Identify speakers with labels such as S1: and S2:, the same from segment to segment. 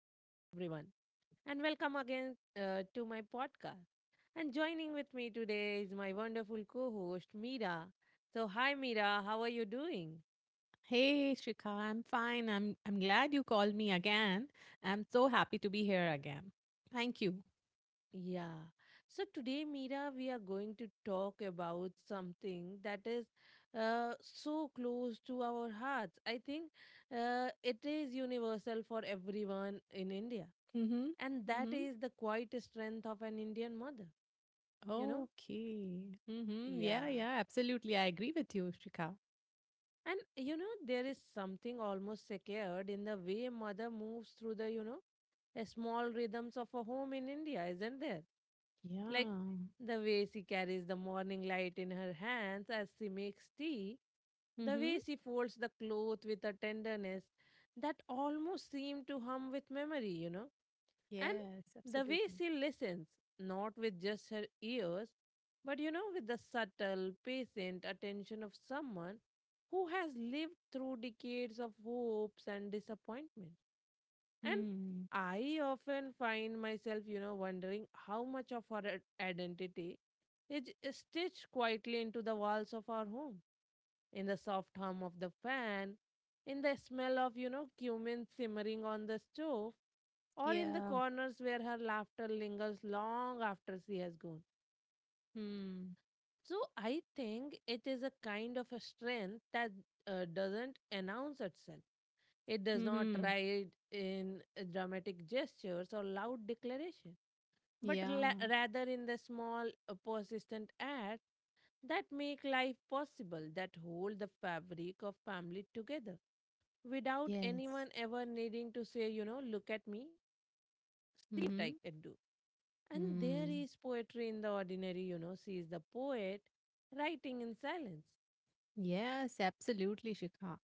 S1: Hello, everyone, and welcome again to my podcast. And joining with me today is my wonderful co host, Meera. So, hi, Meera, how are you doing?
S2: Hey, Shikha, I'm fine. I'm glad you called me again. I'm so happy to be here again. Thank you.
S1: Yeah. So, today, Meera, we are going to talk about something that is so close to our hearts. I think it is universal for everyone in India,
S2: Mm-hmm.
S1: and that
S2: Mm-hmm.
S1: is the quiet strength of an Indian mother, you know?
S2: Okay. Mm-hmm. Yeah,
S1: Yeah.
S2: yeah, absolutely. I agree with you, Shikha.
S1: And you know, there is something almost scared in the way mother moves through the small rhythms of a home in India, isn't there? Like
S2: Yeah.
S1: the way she carries the morning light in her hands as she makes tea, the
S2: Mm-hmm.
S1: way she folds the cloth with a tenderness that almost seemed to hum with memory, you know,
S2: Yes,
S1: and the way
S2: absolutely.
S1: she listens, not with just her ears, but you know, with the subtle, patient attention of someone who has lived through decades of hopes and disappointment. And
S2: Hmm.
S1: I often find myself, you know, wondering how much of our identity is stitched quietly into the walls of our home, in the soft hum of the fan, in the smell of, you know, cumin simmering on the stove, or in the
S2: Yeah.
S1: corners where her laughter lingers long after she has gone.
S2: Hmm.
S1: So I think it is a kind of a strength that doesn't announce itself. It does not
S2: Hmm.
S1: ride in dramatic gestures or loud declaration, but
S2: Yeah.
S1: rather in the small, persistent acts that make life possible, that hold the fabric of family together without
S2: Yes.
S1: anyone ever needing to say, look at me, see what I can
S2: Hmm.
S1: do. And there is
S2: Hmm.
S1: poetry in the ordinary, you know, sees the poet writing in silence.
S2: Yes, absolutely, Shikha.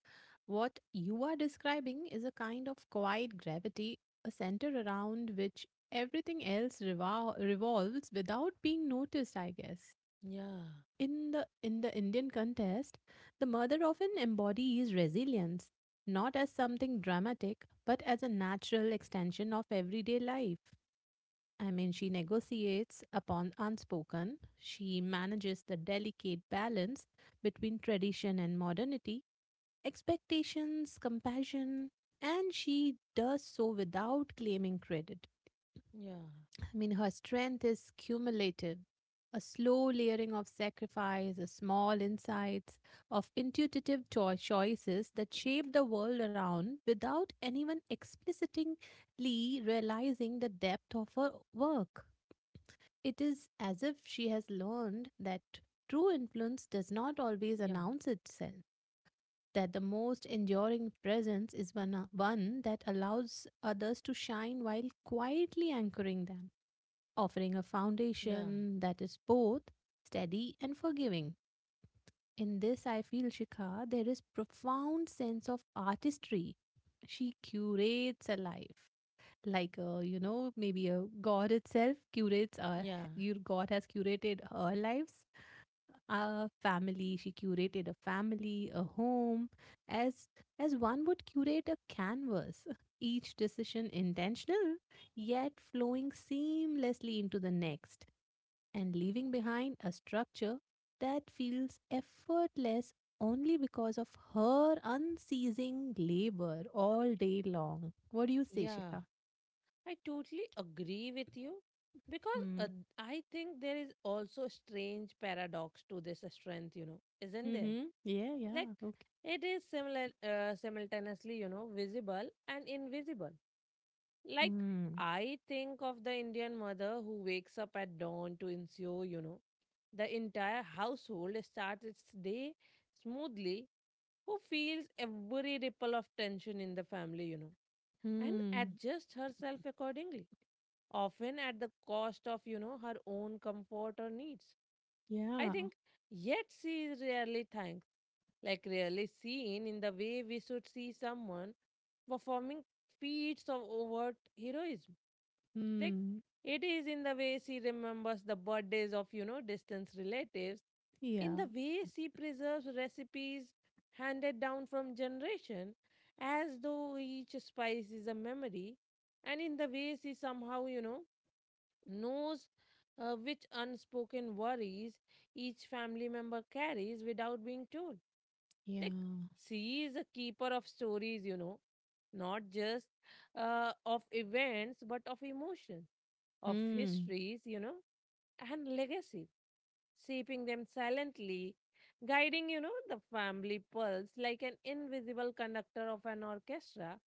S2: What you are describing is a kind of quiet gravity, a center around which everything else revolves without being noticed, I guess.
S1: Yeah,
S2: In the Indian contest, the mother often embodies resilience, not as something dramatic, but as a natural extension of everyday life. I mean, she negotiates upon unspoken, she manages the delicate balance between tradition and modernity, expectations, compassion, and she does so without claiming credit.
S1: yeah,
S2: I mean, her strength is cumulative, a slow layering of sacrifice, a small insights of intuitive choices that shape the world around without anyone explicitly realizing the depth of her work. It is as if she has learned that
S1: yeah,
S2: true influence does not always announce itself, that the most enduring presence is one that allows others to shine while quietly anchoring them, offering a
S1: yeah,
S2: foundation that is both steady and forgiving. In this, I feel Shikha, there is profound sense of artistry. She curates a life, like you know, maybe a God itself curates our.
S1: yeah,
S2: Your God has curated her lives, a family, she curated a family, a home, as as one would curate a canvas each decision intentional, yet flowing seamlessly into the next and leaving behind a structure that feels effortless only because of her unceasing labor all day long. What do you say,
S1: yeah.
S2: Shikha?
S1: I totally agree with you because
S2: Hmm.
S1: I think there is also a strange paradox to this strength, you know, isn't there?
S2: Mm-hmm. Yeah, yeah.
S1: Like
S2: Okay.
S1: it is similar simultaneously, you know, visible and invisible. Like
S2: Hmm.
S1: I think of the Indian mother who wakes up at dawn to ensure, you know, the entire household starts its day smoothly, who feels every ripple of tension in the family, you know, and
S2: Hmm.
S1: adjusts herself accordingly often at the cost of, you know, her own comfort or needs. I
S2: Yeah.
S1: think, yet she is rarely thanked, like rarely seen in the way we should see someone performing feats of overt heroism. Like,
S2: Hmm.
S1: it is in the way she remembers the birthdays of, you know, distant relatives, in
S2: Yeah.
S1: the way she preserves recipes handed down from generation as though each spice is a memory, and in the way she somehow, you know, knows which unspoken worries each family member carries without being told.
S2: Yeah.
S1: Like, she is a keeper of stories, you know, not just of events, but of emotion, of
S2: Hmm.
S1: histories, you know, and legacy, shaping them silently, guiding, you know, the family pulse like an invisible conductor of an orchestra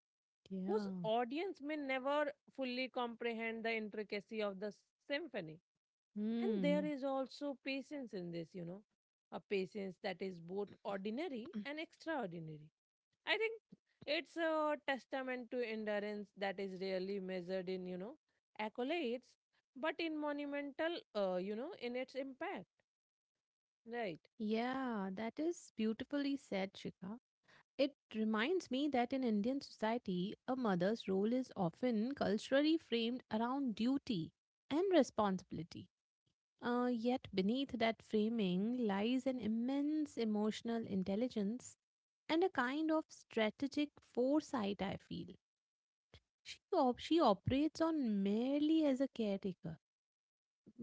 S1: whose
S2: Yeah.
S1: audience may never fully comprehend the intricacy of the symphony. And there
S2: Hmm.
S1: is also patience in this, you know, a patience that is both ordinary and extraordinary. I think it's a testament to endurance that is rarely measured in, you know, accolades, but in monumental, you know, in its impact. Right.
S2: Yeah. That is beautifully said, Shika. It reminds me that in Indian society, a mother's role is often culturally framed around duty and responsibility. Yet, beneath that framing lies an immense emotional intelligence and a kind of strategic foresight, I feel. She operates on merely as a caretaker.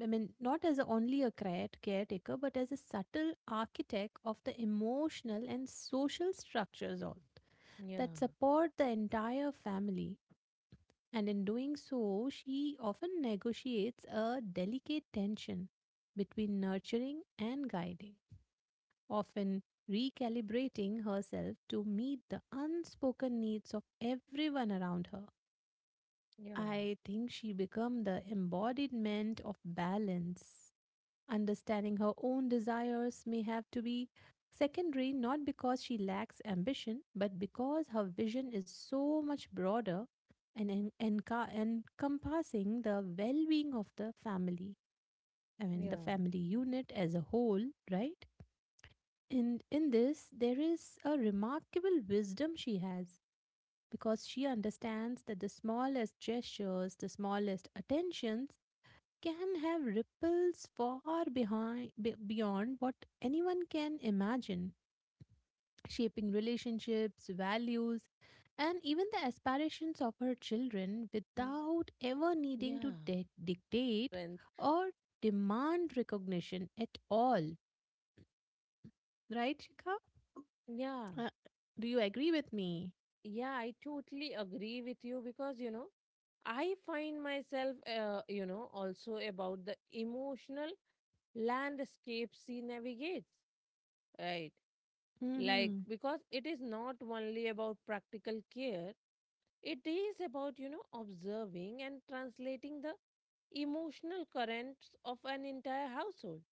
S2: I mean, not as caretaker, but as a subtle architect of the emotional and social structures all
S1: Yeah.
S2: that support the entire family. And in doing so, she often negotiates a delicate tension between nurturing and guiding, often recalibrating herself to meet the unspoken needs of everyone around her.
S1: Yeah,
S2: I think she became the embodiment of balance. Understanding her own desires may have to be secondary, not because she lacks ambition, but because her vision is so much broader and encompassing the well being of the family. I mean, the
S1: yeah,
S2: family unit as a whole, right? In this, there is a remarkable wisdom she has because she understands that the smallest gestures, the smallest attentions, can have ripples far behind, beyond what anyone can imagine, shaping relationships, values, and even the
S1: yeah.
S2: aspirations of her
S1: I think
S2: children without ever
S1: three is a,
S2: needing
S1: you
S2: to
S1: know, pillar of
S2: dictate
S1: strength.
S2: or demand recognition at all, right Shikha?
S1: Yeah.
S2: uh, do you agree with me?
S1: Yeah, I totally agree with you because, you know, I find myself, you know, also about the emotional landscape she navigates, right? Like,
S2: Mhm.
S1: because it is not only about practical care, it is about, you know, observing and translating the emotional currents of an entire household.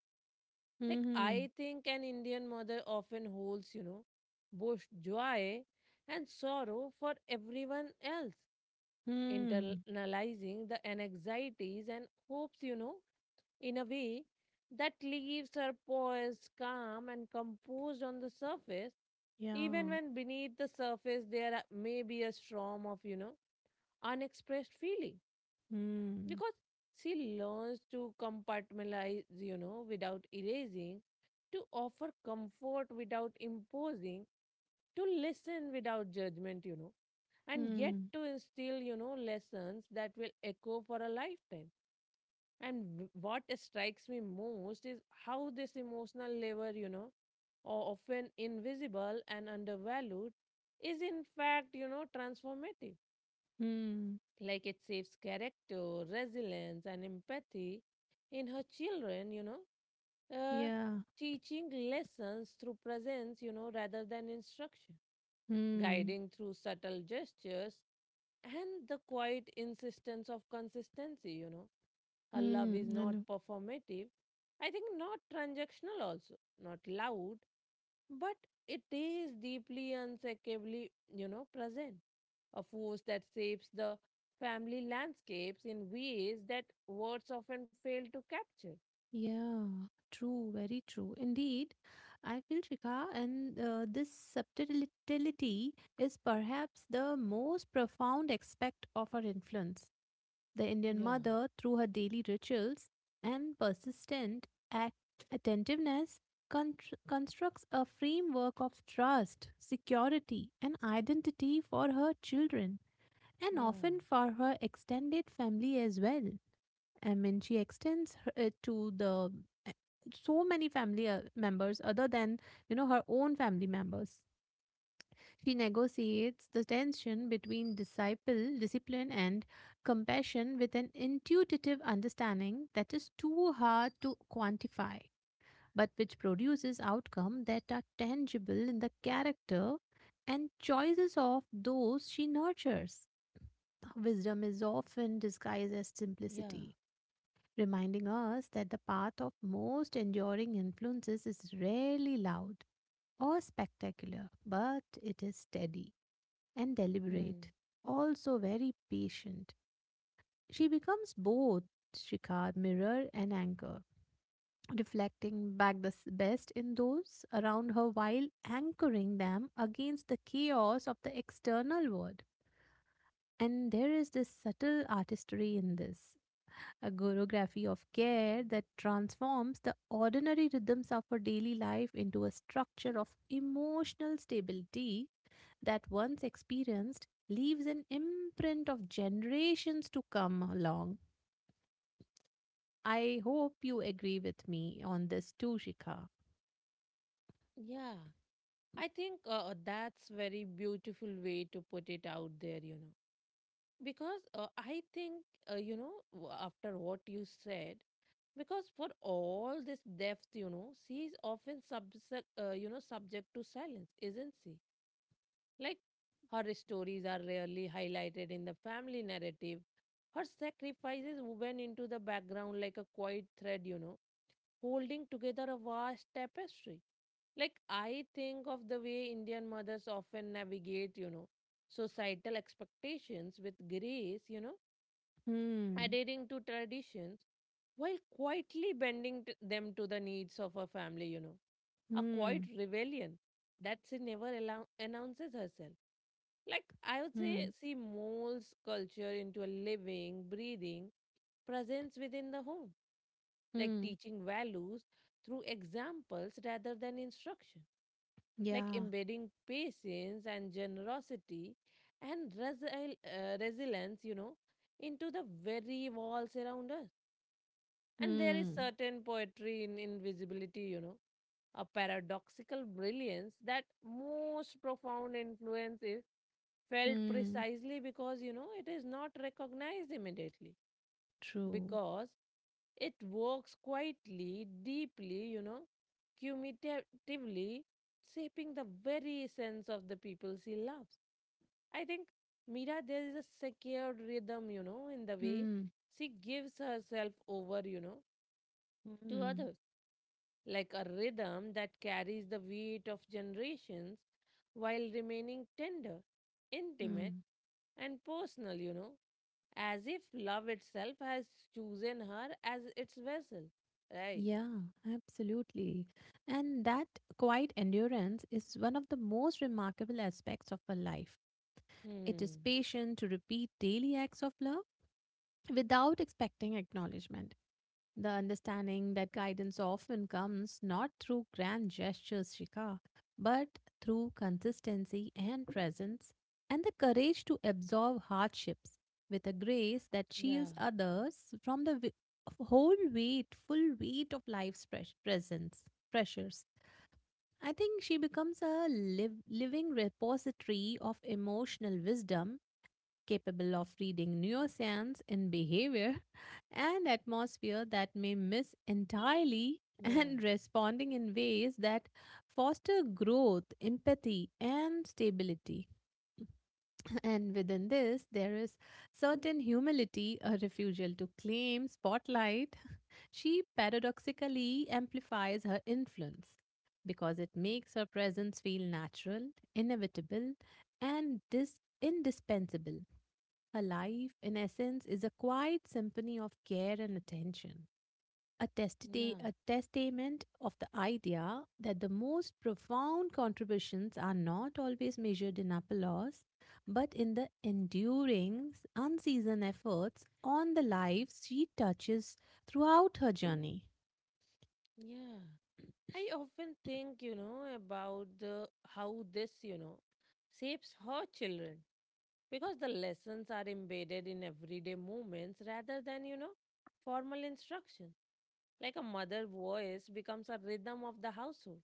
S1: Like,
S2: Mhm.
S1: I think an Indian mother often holds, you know, both joy and sorrow for everyone else,
S2: Mhm.
S1: internalizing the anxieties and hopes, you know, in a way that leaves her poised, calm, and composed on the surface, even
S2: Yeah.
S1: when beneath the surface there may be a storm of, you know, unexpressed feeling.
S2: Mhm.
S1: Because she learns to compartmentalize, you know, without erasing, to offer comfort without imposing, to listen without judgment, you know, and yet
S2: Mhm.
S1: to instill, you know, lessons that will echo for a lifetime. And what strikes me most is how this emotional labor, you know, or often invisible and undervalued, is in fact, you know, transformative,
S2: Mhm.
S1: like it saves character, resilience, and empathy in her children,
S2: Yeah.
S1: teaching lessons through presence, you know, rather than instruction,
S2: Mhm.
S1: guiding through subtle gestures and the quiet insistence of consistency, you know. Her love
S2: Hmm.
S1: is
S2: I
S1: not
S2: know.
S1: performative, I think not transactional, also, not loud, but it is deeply unshakably, you know, present. A force that shapes the family landscapes in ways that words often fail to capture.
S2: Yeah, true, very true. Indeed, I feel Shikha, and this subtlety is perhaps the most profound aspect of her influence. The
S1: Yeah,
S2: Indian mother, through her daily rituals and persistent attentiveness, constructs a framework of trust, security, and identity for her children, and
S1: yeah,
S2: often for her extended family as well. I mean, she extends her, to the so many family members other than you know her own family members. She negotiates the tension between disciple discipline and compassion with an intuitive understanding that is too hard to quantify, but which produces outcomes that are tangible in the character and choices of those she nurtures.
S1: yeah.
S2: Wisdom is often disguised as simplicity, reminding us that the path of most enduring influences is rarely loud or spectacular, but it is
S1: Hmm.
S2: steady and deliberate, also very patient. She becomes both Shikar, mirror, and anchor, reflecting back the best in those around her while anchoring them against the chaos of the external world. And there is this subtle artistry in this, a choreography of care that transforms the ordinary rhythms of our daily life into a structure of emotional stability that once experienced leaves an imprint of generations to come along. I hope you agree with me on this too, Shikha.
S1: Yeah. I think that's very beautiful way to put it out there, you know. Because I think, you know, after what you said, because for all this depth, you know, she is often you know, subject to silence, isn't she? Like her stories are rarely highlighted in the family narrative. Her sacrifices woven into the background like a quiet thread, you know, holding together a vast tapestry. Like I think of the way Indian mothers often navigate, you know, societal expectations with grace, you know,
S2: Hmm.
S1: adhering to traditions while quietly bending them to the needs of her family, you know, a quiet
S2: Hmm.
S1: rebellion that she never announces herself. Like, I would
S2: Hmm.
S1: say, see, molds culture into a living, breathing presence within the home, like
S2: Mm,
S1: teaching values through examples rather than instruction, like
S2: yeah.
S1: embedding patience and generosity and resilience, you know, into the very walls around us. And there is
S2: Mm,
S1: certain poetry in invisibility, you know, a paradoxical brilliance that most profound influences felt
S2: mm,
S1: precisely because, you know, it is not recognized immediately.
S2: true.
S1: Because it works quietly, deeply, you know, cumulatively, shaping the very essence of the people she loves. I think Mira, there is a secured rhythm, you know, in the way
S2: Mm,
S1: she gives herself over, you know, to
S2: mm,
S1: others, like a rhythm that carries the weight of generations while remaining tender, intimate,
S2: mm.
S1: and personal, you know, as if love itself has chosen her as its vessel, right?
S2: Yeah, absolutely. And that quiet endurance is one of the most remarkable aspects of a life. It is
S1: Hmm.
S2: patient to repeat daily acts of love without expecting acknowledgement. The understanding that guidance often comes not through grand gestures, Shika, but through consistency and presence, and the courage to absorb hardships with a grace that
S1: Yeah.
S2: shields others from the whole weight, full weight of life's presence, pressures. I think she becomes a living repository of emotional wisdom, capable of reading neuroscience in behavior and atmosphere that may miss
S1: Yeah.
S2: entirely and responding in ways that foster growth, empathy, and stability. And within this, there is certain humility, a refusal to claim spotlight. She paradoxically amplifies her influence because it makes her presence feel natural, inevitable, and indispensable. Her life, in essence, is a quiet symphony of care and attention, a
S1: Yeah.
S2: a testament of the idea that the most profound contributions are not always measured in applause, but in the enduring, unceasoned efforts on the lives she touches throughout her journey.
S1: Yeah. I often think, you know, about the how this, you know, shapes her children because the lessons are embedded in everyday moments rather than, you know, formal instruction. Like a mother voice becomes a rhythm of the household,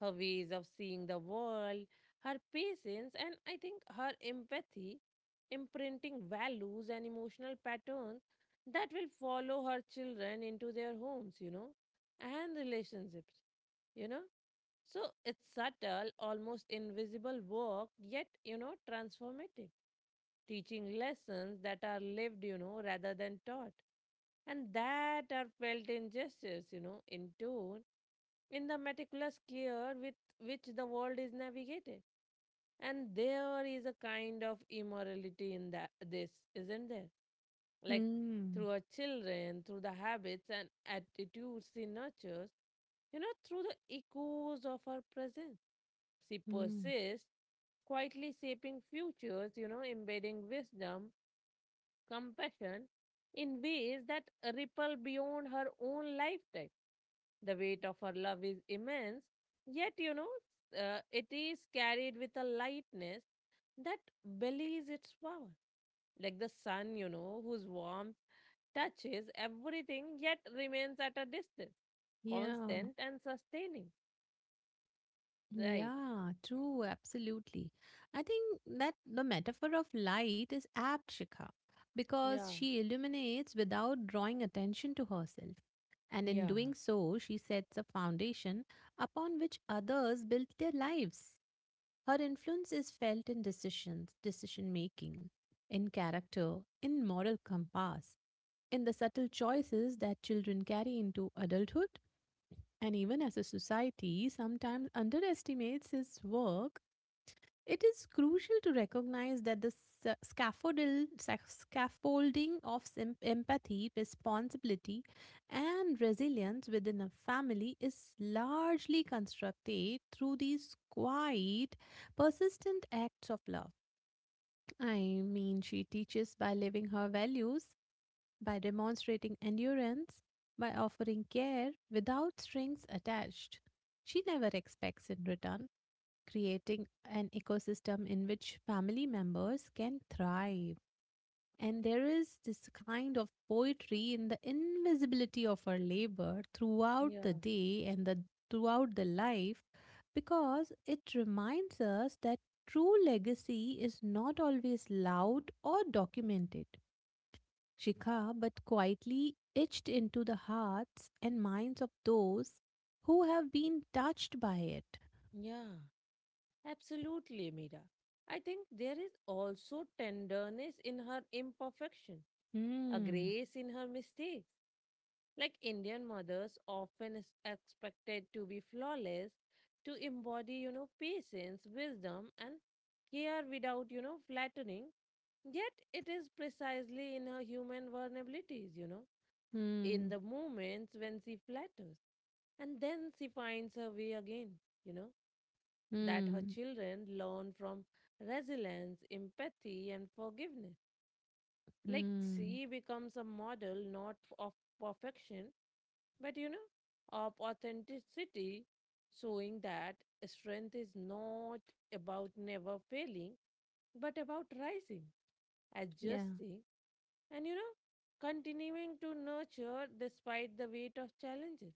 S1: her ways of seeing the world, her patience, and I think her empathy, imprinting values and emotional patterns that will follow her children into their homes, you know, and relationships, you know. So it's subtle, almost invisible work, yet, you know, transformative, teaching lessons that are lived, you know, rather than taught, and that are felt in gestures, you know, in tone, in the meticulous care with which the world is navigated. And there is a kind of immorality in that, this, isn't there? Like
S2: Hmm.
S1: through our children, through the habits and attitudes she nurtures, you know, through the echoes of her presence. She
S2: Hmm.
S1: persists, quietly shaping futures, you know, embedding wisdom, compassion in ways that ripple beyond her own lifetime. The weight of her love is immense, yet, you know, it is carried with a lightness that belies its power, like the sun, you know, whose warmth touches everything yet remains at a distance,
S2: Yeah,
S1: constant and sustaining. Right.
S2: yeah, true, absolutely. I think that the metaphor of light is apt, Shikha, because
S1: Yeah.
S2: she illuminates without drawing attention to herself. And in
S1: Yeah.
S2: doing so, she sets a foundation upon which others build their lives. Her influence is felt in decisions, decision making, in character, in moral compass, in the subtle choices that children carry into adulthood, and even as a society sometimes underestimates his work, it is crucial to recognize that the scaffolding of empathy, responsibility, and resilience within a family is largely constructed through these quiet, persistent acts of love. I mean, she teaches by living her values, by demonstrating endurance, by offering care without strings attached. She never expects in return, creating an ecosystem in which family members can thrive. And there is this kind of poetry in the invisibility of her labor throughout the
S1: Yeah.
S2: day and the, throughout the life, because it reminds us that true legacy is not always loud or documented, Shikha, but quietly etched into the hearts and minds of those who have been touched by it.
S1: Yeah. Absolutely, Mira. I think there is also tenderness in her imperfection, a
S2: Hmm.
S1: grace in her mistakes. Like Indian mothers often is expected to be flawless, to embody, you know, patience, wisdom, and care without, you know, flattening. Yet it is precisely in her human vulnerabilities, you know, in
S2: Hmm.
S1: the moments when she flatters. And then she finds her way again, you know, that her
S2: Hmm.
S1: children learn from resilience, empathy, and forgiveness. Like
S2: Hmm.
S1: she becomes a model not of perfection, but you know, of authenticity, showing that strength is not about never failing, but about rising,
S2: Yeah.
S1: adjusting, and you know, continuing to nurture despite the weight of challenges.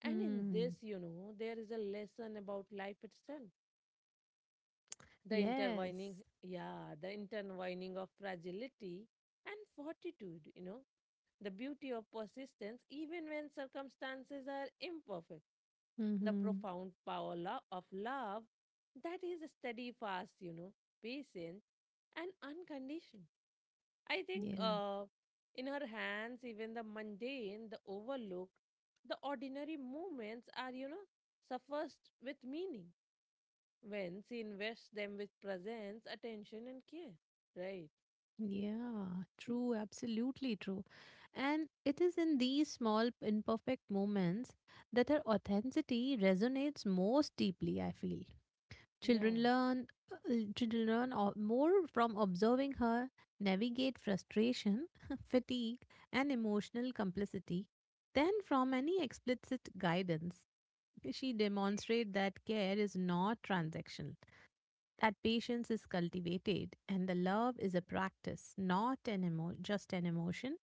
S1: And in
S2: Hmm.
S1: this, you know, there is a lesson about life itself. The intertwining,
S2: Yes.
S1: yeah, the intertwining of fragility and fortitude, you know, the beauty of persistence, even when circumstances are imperfect, the
S2: Hmm.
S1: profound power of love that is steadfast, you know, patient and unconditional. I think
S2: Yeah.
S1: in her hands, even the mundane, the overlooked, the ordinary moments are, you know, suffused with meaning when she invests them with presence, attention, and care. Right?
S2: Yeah. True. Absolutely true. And it is in these small, imperfect moments that her authenticity resonates most deeply, I feel.
S1: Yeah,
S2: Children learn Children learn more from observing her navigate frustration, fatigue, and emotional complicity than from any explicit guidance. She demonstrates that care is not transactional, that patience is cultivated, and the love is a practice, not an just an emotion.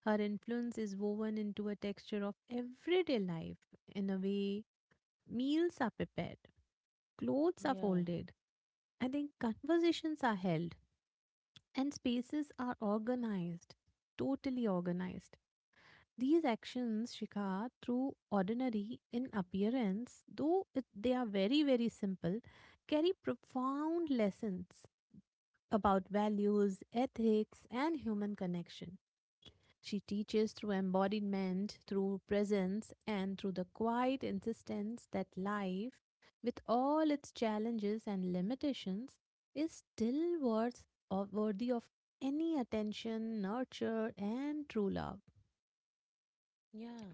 S2: Her influence is woven into a texture of everyday life, in a way meals are prepared, clothes are
S1: yeah,
S2: folded, I think conversations are held and spaces are organized, totally organized. These actions, Shikha, through ordinary in appearance, though it, they are very, very simple, carry profound lessons about values, ethics, and human connection. She teaches through embodiment, through presence, and through the quiet insistence that life, with all its challenges and limitations, is still worth of, worthy of any attention, nurture, and true love.
S1: yeah.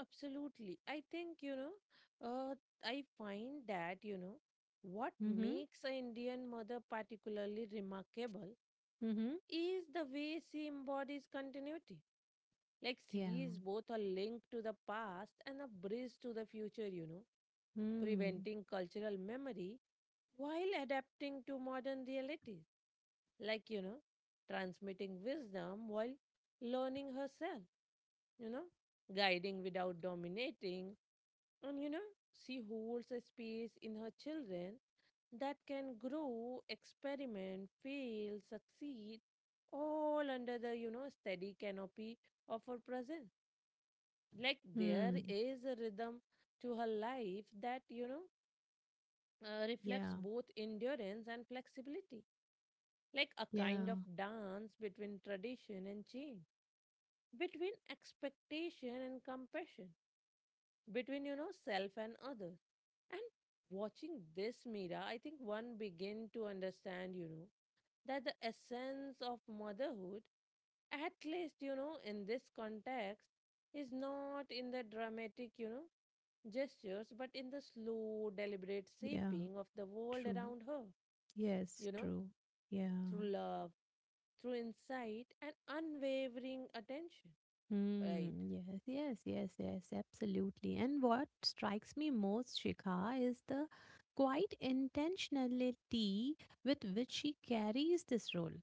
S1: Absolutely. I think, you know, uh, I find that, you know, what
S2: Mm-hmm.
S1: makes an Indian mother particularly remarkable
S2: Mm-hmm.
S1: is the way she embodies continuity. Like,
S2: Yeah.
S1: sea is both a link to the past and a bridge to the future, you know,
S2: Mm.
S1: preventing cultural memory while adapting to modern realities. Like, you know, transmitting wisdom while learning herself, you know, guiding without dominating. And, you know, she holds a space in her children that can grow, experiment, fail, succeed, all under the, you know, steady canopy of her presence. Like there
S2: Mm.
S1: is a rhythm to her life that, you know, reflects
S2: Yeah.
S1: both endurance and flexibility, like a kind
S2: Yeah.
S1: of dance between tradition and change, between expectation and compassion, between, you know, self and others. And watching this, Mira, I think one begin to understand, you know, that the essence of motherhood, at least, you know, in this context, is not in the dramatic, you know, gestures, but in the slow, deliberate
S2: Yeah.
S1: shaping of the world
S2: True.
S1: around her,
S2: Yes.
S1: you know,
S2: True. Yeah.
S1: through love, through insight, and unwavering attention. Right.
S2: Hmm. Yes, yes, yes, yes, absolutely. And what strikes me most, Shikha, is the quite intentionality with which she carries this role.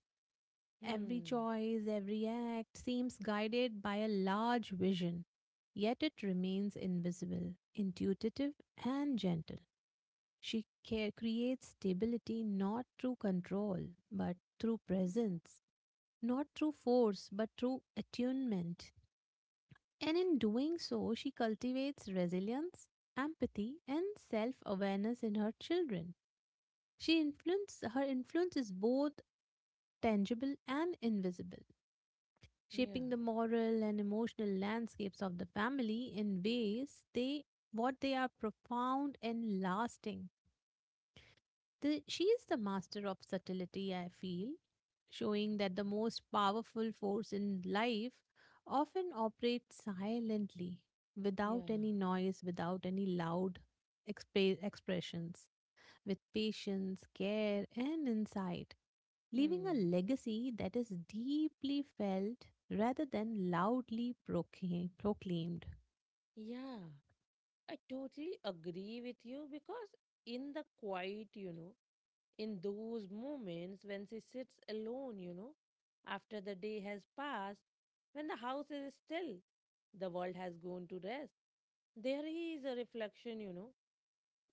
S2: Every
S1: Hmm.
S2: choice, every act seems guided by a large vision, yet it remains invisible, intuitive, and gentle. She care creates stability not through control, but through presence, not through force, but through attunement. And in doing so, she cultivates resilience, empathy, and self awareness in her children. She influence, her influence is both tangible and invisible,
S1: Yeah.
S2: shaping the moral and emotional landscapes of the family in ways they what they are profound and lasting. The, she is the master of subtlety, I feel, showing that the most powerful force in life often operates silently, without
S1: Yeah.
S2: any noise, without any loud expressions, with patience, care, and insight, leaving a
S1: Hmm.
S2: legacy that is deeply felt rather than loudly proclaimed.
S1: Yeah, I totally agree with you. Because in the quiet, you know, in those moments when she sits alone, you know, after the day has passed, when the house is still, the world has gone to rest. There is a reflection, you know,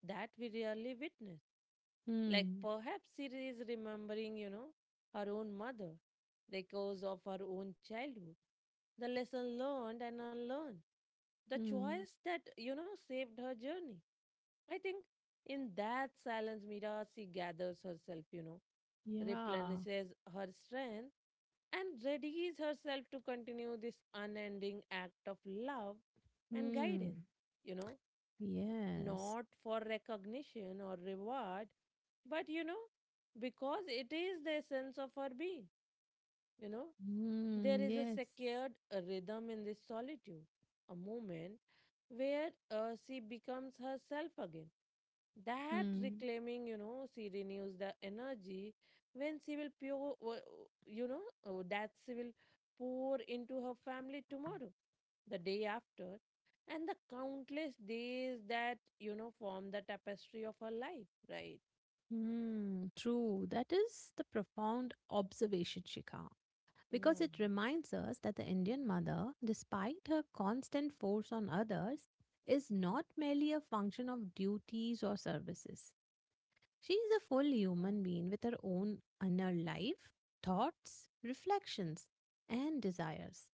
S1: that we rarely witness. Like
S2: Hmm.
S1: perhaps she is remembering, you know, her own mother, echoes of her own childhood, the lesson learned and unlearned, the
S2: Hmm.
S1: choice that, you know, saved her journey. I think in that silence, Mira, she gathers herself, you know,
S2: Yeah.
S1: replenishes her strength and readies herself to continue this unending act of love and
S2: Hmm.
S1: guidance. You know,
S2: Yes.
S1: not for recognition or reward, but, you know, because it is the essence of our being, you know. There
S2: Mm,
S1: is a
S2: yes.
S1: secured rhythm in this solitude, a moment where she becomes herself again. That
S2: Mm,
S1: reclaiming, you know, she renews the energy when she will pure, you know, that she will pour into her family tomorrow, the day after, and the countless days that, you know, form the tapestry of her life, right?
S2: mm, true. That is the profound observation, Shikha, because
S1: Yeah,
S2: it reminds us that the Indian mother, despite her constant force on others, is not merely a function of duties or services. She is a full human being with her own inner life, thoughts, reflections, and desires,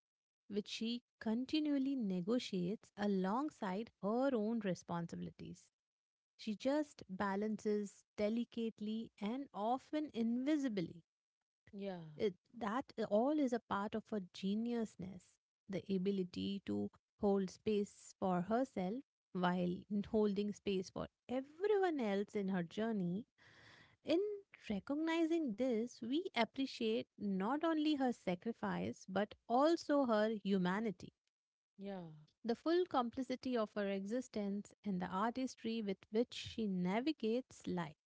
S2: which she continually negotiates alongside her own responsibilities. She just balances delicately and often invisibly.
S1: yeah,
S2: It, that All is a part of her geniusness, the ability to hold space for herself while holding space for everyone else in her journey. In recognizing this, we appreciate not only her sacrifice but also her humanity.
S1: yeah,
S2: The full complicity of her existence and the artistry with which she navigates life.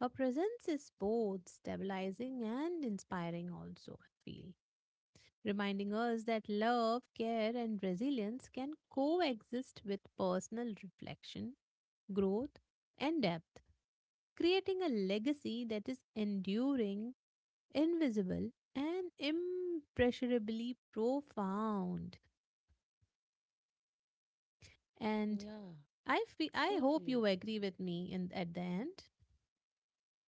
S2: Her presence is both stabilizing and inspiring, also, I feel, reminding us that love, care, and resilience can coexist with personal reflection, growth, and depth, creating a legacy that is enduring, invisible, and impressionably profound.
S1: yeah,
S2: And I feel,
S1: totally.
S2: I hope you agree with me in at the end.
S1: Yeah.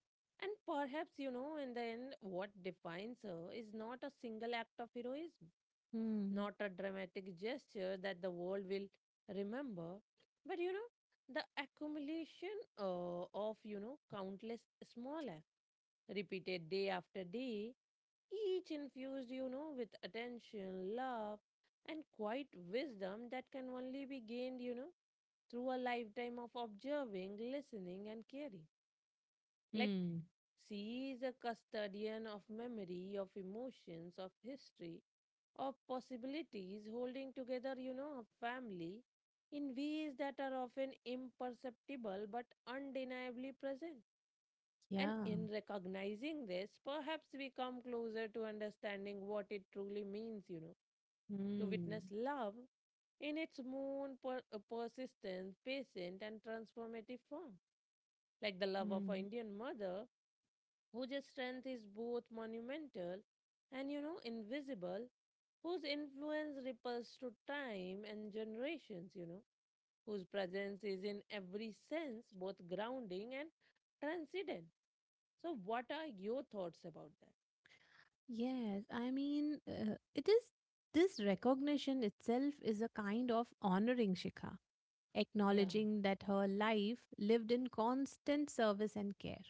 S1: And perhaps, you know, in the end, what defines her is not a single act of heroism, not
S2: Hmm.
S1: a dramatic gesture that the world will remember, but, you know, the accumulation of, you know, countless small acts repeated day after day, each infused, you know, with attention, love, and quiet wisdom that can only be gained, you know, through a lifetime of observing, listening, and caring. Like,
S2: Hmm.
S1: she is a custodian of memory, of emotions, of history, of possibilities, holding together, you know, a family in ways that are often imperceptible but undeniably present. And
S2: Yeah.
S1: in recognizing this, perhaps we come closer to understanding what it truly means, you know, to
S2: Hmm.
S1: witness love in its own persistent, patient, and transformative form, like the love of an
S2: Hmm.
S1: Indian mother whose strength is both monumental and, you know, invisible, whose influence ripples through time and generations, you know, whose presence is in every sense both grounding and transcendent. So, what are your thoughts about that?
S2: Yes, I mean, it is this recognition itself is a kind of honoring Shikha,
S1: Yeah,
S2: acknowledging that her life lived in constant service and care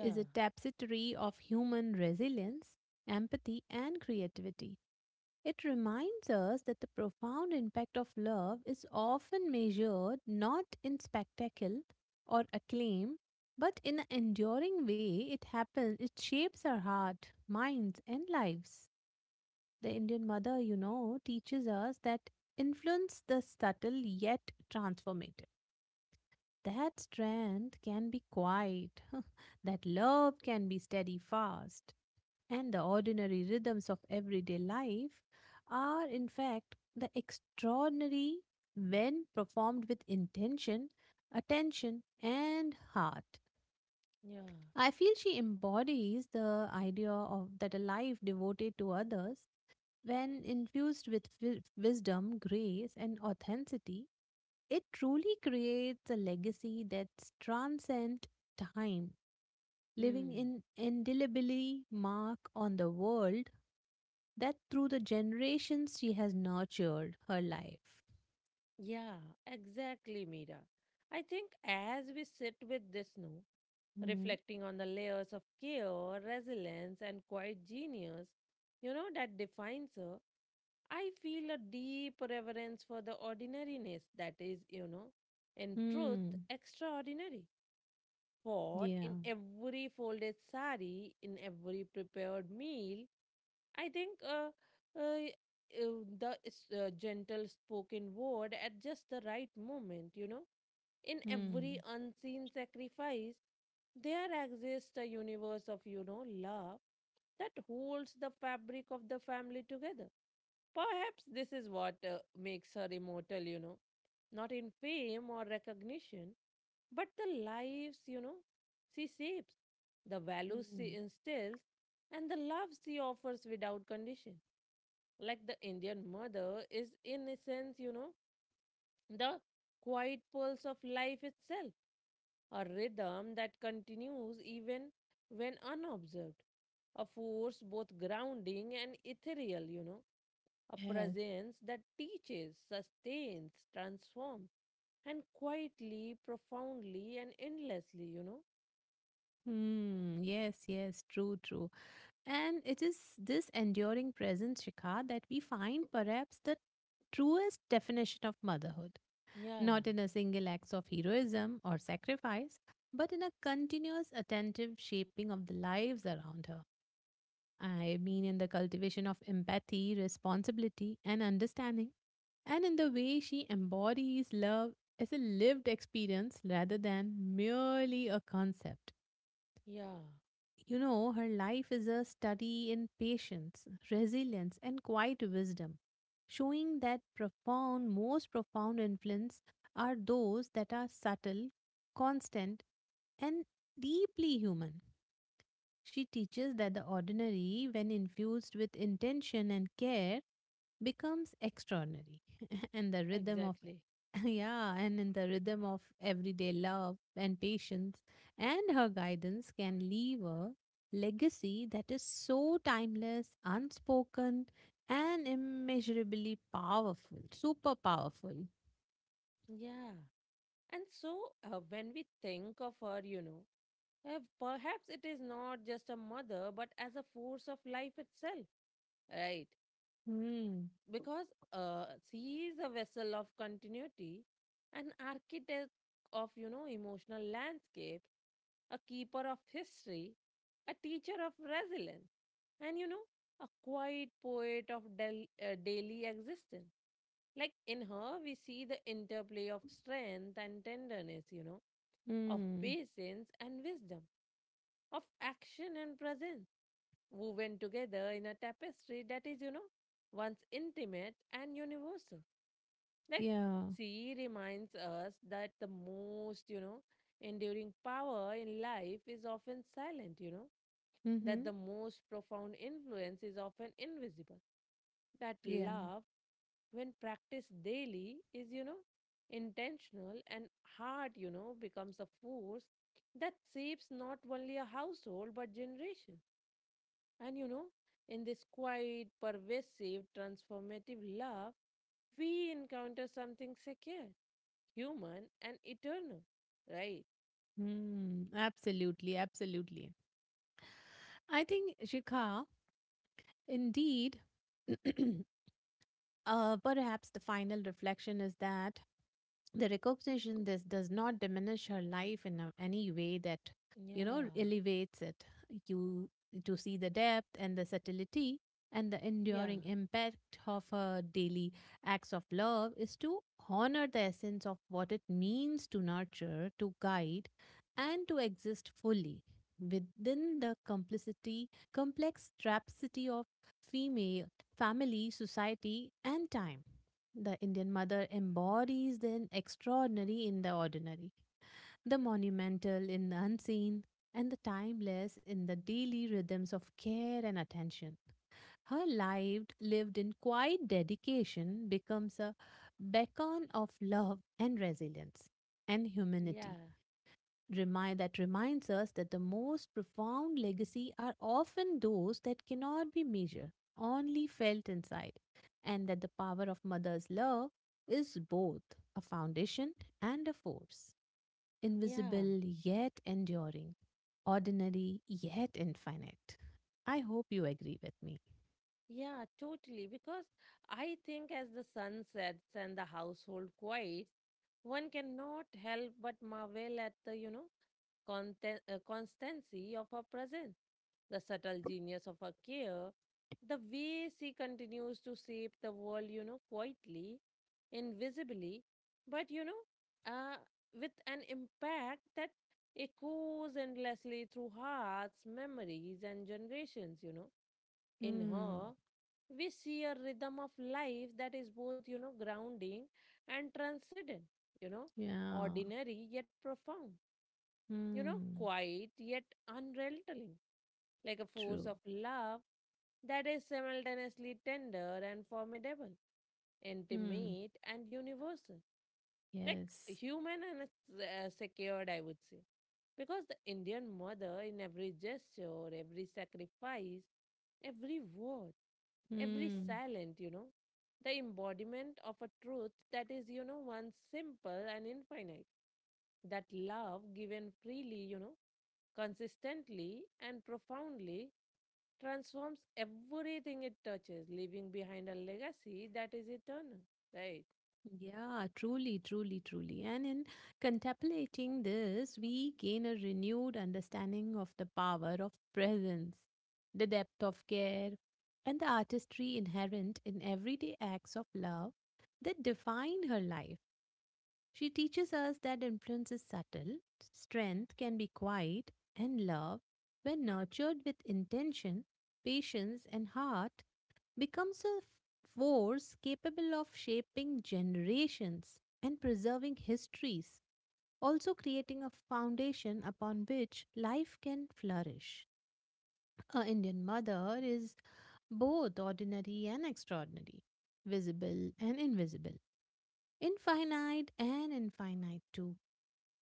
S2: is a tapestry of human resilience, empathy, and creativity. It reminds us that the profound impact of love is often measured not in spectacle or acclaim, but in an enduring way it happens, it shapes our heart, minds, and lives the Indian mother, you know, teaches us that influence the subtle yet transformative. That strength can be quiet, that love can be steady fast, and the ordinary rhythms of everyday life are, in fact, the extraordinary when performed with intention, attention, and heart.
S1: yeah.
S2: I feel she embodies the idea of that a life devoted to others when infused with wisdom, grace, and authenticity, it truly creates a legacy that transcends time, leaving
S1: Hmm.
S2: an indelibly mark on the world that through the generations she has nurtured her life.
S1: Yeah, exactly, Mira. I think as we sit with this now,
S2: Hmm.
S1: reflecting on the layers of care, resilience, and quiet genius, you know, that defines her, I feel a deep reverence for the ordinariness that is, you know, in truth,
S2: Hmm.
S1: extraordinary. For
S2: Yeah.
S1: in every folded sari, in every prepared meal, I think the gentle spoken word at just the right moment, you know, in every
S2: Hmm.
S1: unseen sacrifice, there exists a universe of, you know, love that holds the fabric of the family together. Perhaps this is what makes her immortal, you know, not in fame or recognition, but the lives, you know, she shapes, the values
S2: Hmm.
S1: she instills, and the love she offers without condition. Like the Indian mother is, in a sense, you know, the quiet pulse of life itself, a rhythm that continues even when unobserved, a force both grounding and ethereal, you know, a
S2: Yes.
S1: presence that teaches, sustains, transforms, and quietly, profoundly, and endlessly, you know?
S2: Hmm. Yes. Yes. True. True. And it is this enduring presence, Shikha, that we find perhaps the truest definition of motherhood,
S1: Yeah,
S2: not in a single act of heroism or sacrifice, but in a continuous, attentive shaping of the lives around her. I mean, in the cultivation of empathy, responsibility, and understanding, and in the way she embodies love as a lived experience rather than merely a concept.
S1: yeah,
S2: You know, her life is a study in patience, resilience, and quiet wisdom, showing that profound, most profound influence are those that are subtle, constant, and deeply human. She teaches that the ordinary, when infused with intention and care, becomes extraordinary and the rhythm of
S1: exactly.
S2: yeah and in the rhythm of everyday love and patience and her guidance can leave a legacy that is so timeless unspoken and immeasurably powerful super powerful.
S1: Yeah. And so, when we think of her, you know, perhaps it is not just a mother, but as a force of life itself, right?
S2: Hmm.
S1: Because uh, she is a vessel of continuity, an architect of, you know, emotional landscapes, a keeper of history, a teacher of resilience, and, you know, a quiet poet of daily existence. Like in her, we see the interplay of strength and tenderness, you know, of
S2: Hmm.
S1: patience and wisdom, of action and presence, woven together in a tapestry that is, you know, once intimate and universal. Like,
S2: Yeah.
S1: she reminds us that the most, you know, enduring power in life is often silent, you know,
S2: Mm-hmm.
S1: that the most profound influence is often invisible. That
S2: Yeah.
S1: love, when practiced daily, is, you know, intentional and heart, you know, becomes a force that shapes not only a household but generation. And, you know, in this quiet, pervasive, transformative love, we encounter something secure, human, and eternal. Right?
S2: Hmm. Absolutely, absolutely. I think, Shikha, indeed, perhaps the final reflection is that the recognition this does not diminish her life in a, any way that you
S1: Yeah.
S2: know elevates it you to see the depth and the subtlety and the
S1: Yeah.
S2: enduring impact of her daily acts of love is to honor the essence of what it means to nurture to guide and to exist fully within the complicity complex trapsity of female family, society, and time. The Indian mother embodies the extraordinary in the ordinary, the monumental in the unseen, and the timeless in the daily rhythms of care and attention. Her life, lived in quiet dedication, becomes a beacon of love and resilience and humanity
S1: Yeah.
S2: remind that reminds us that the most profound legacy are often those that cannot be measured, only felt inside, and that the power of mother's love is both a foundation and a force,
S1: Yeah.
S2: invisible yet enduring, ordinary yet infinite. I hope you agree with me.
S1: Yeah, totally. Because I think as the sun sets and the household quiets, one cannot help but marvel at the, you know, constancy of her presence, the subtle genius of her care, the way she continues to shape the world, you know, quietly, invisibly, but, you know, uh, with an impact that echoes endlessly through hearts, memories, and generations, you know. In
S2: Hmm.
S1: her we see a rhythm of life that is both, you know, grounding and transcendent, you know,
S2: Yeah.
S1: ordinary yet profound, you know,
S2: Hmm.
S1: quiet yet unrelenting, like a force
S2: True.
S1: of love that is simultaneously tender and formidable,
S2: Hmm.
S1: intimate and universal, like
S2: Yes.
S1: human and secured, I would say. Because the Indian mother, in every gesture, every sacrifice, every word, every
S2: Hmm.
S1: silent, you know, the embodiment of a truth that is, you know, one simple and infinite. That love given freely, you know, consistently and profoundly transforms everything it touches, leaving behind a legacy that is eternal. Right.
S2: Yeah, truly, truly, truly. And in contemplating this, we gain a renewed understanding of the power of presence, the depth of care, and the artistry inherent in everyday acts of love that define her life. She teaches us that influence is subtle, strength can be quiet, and love, when nurtured with intention, patience, and heart, becomes a force capable of shaping generations and preserving histories, also creating a foundation upon which life can flourish. Our Indian mother is both ordinary and extraordinary, visible and invisible, infinite and infinite too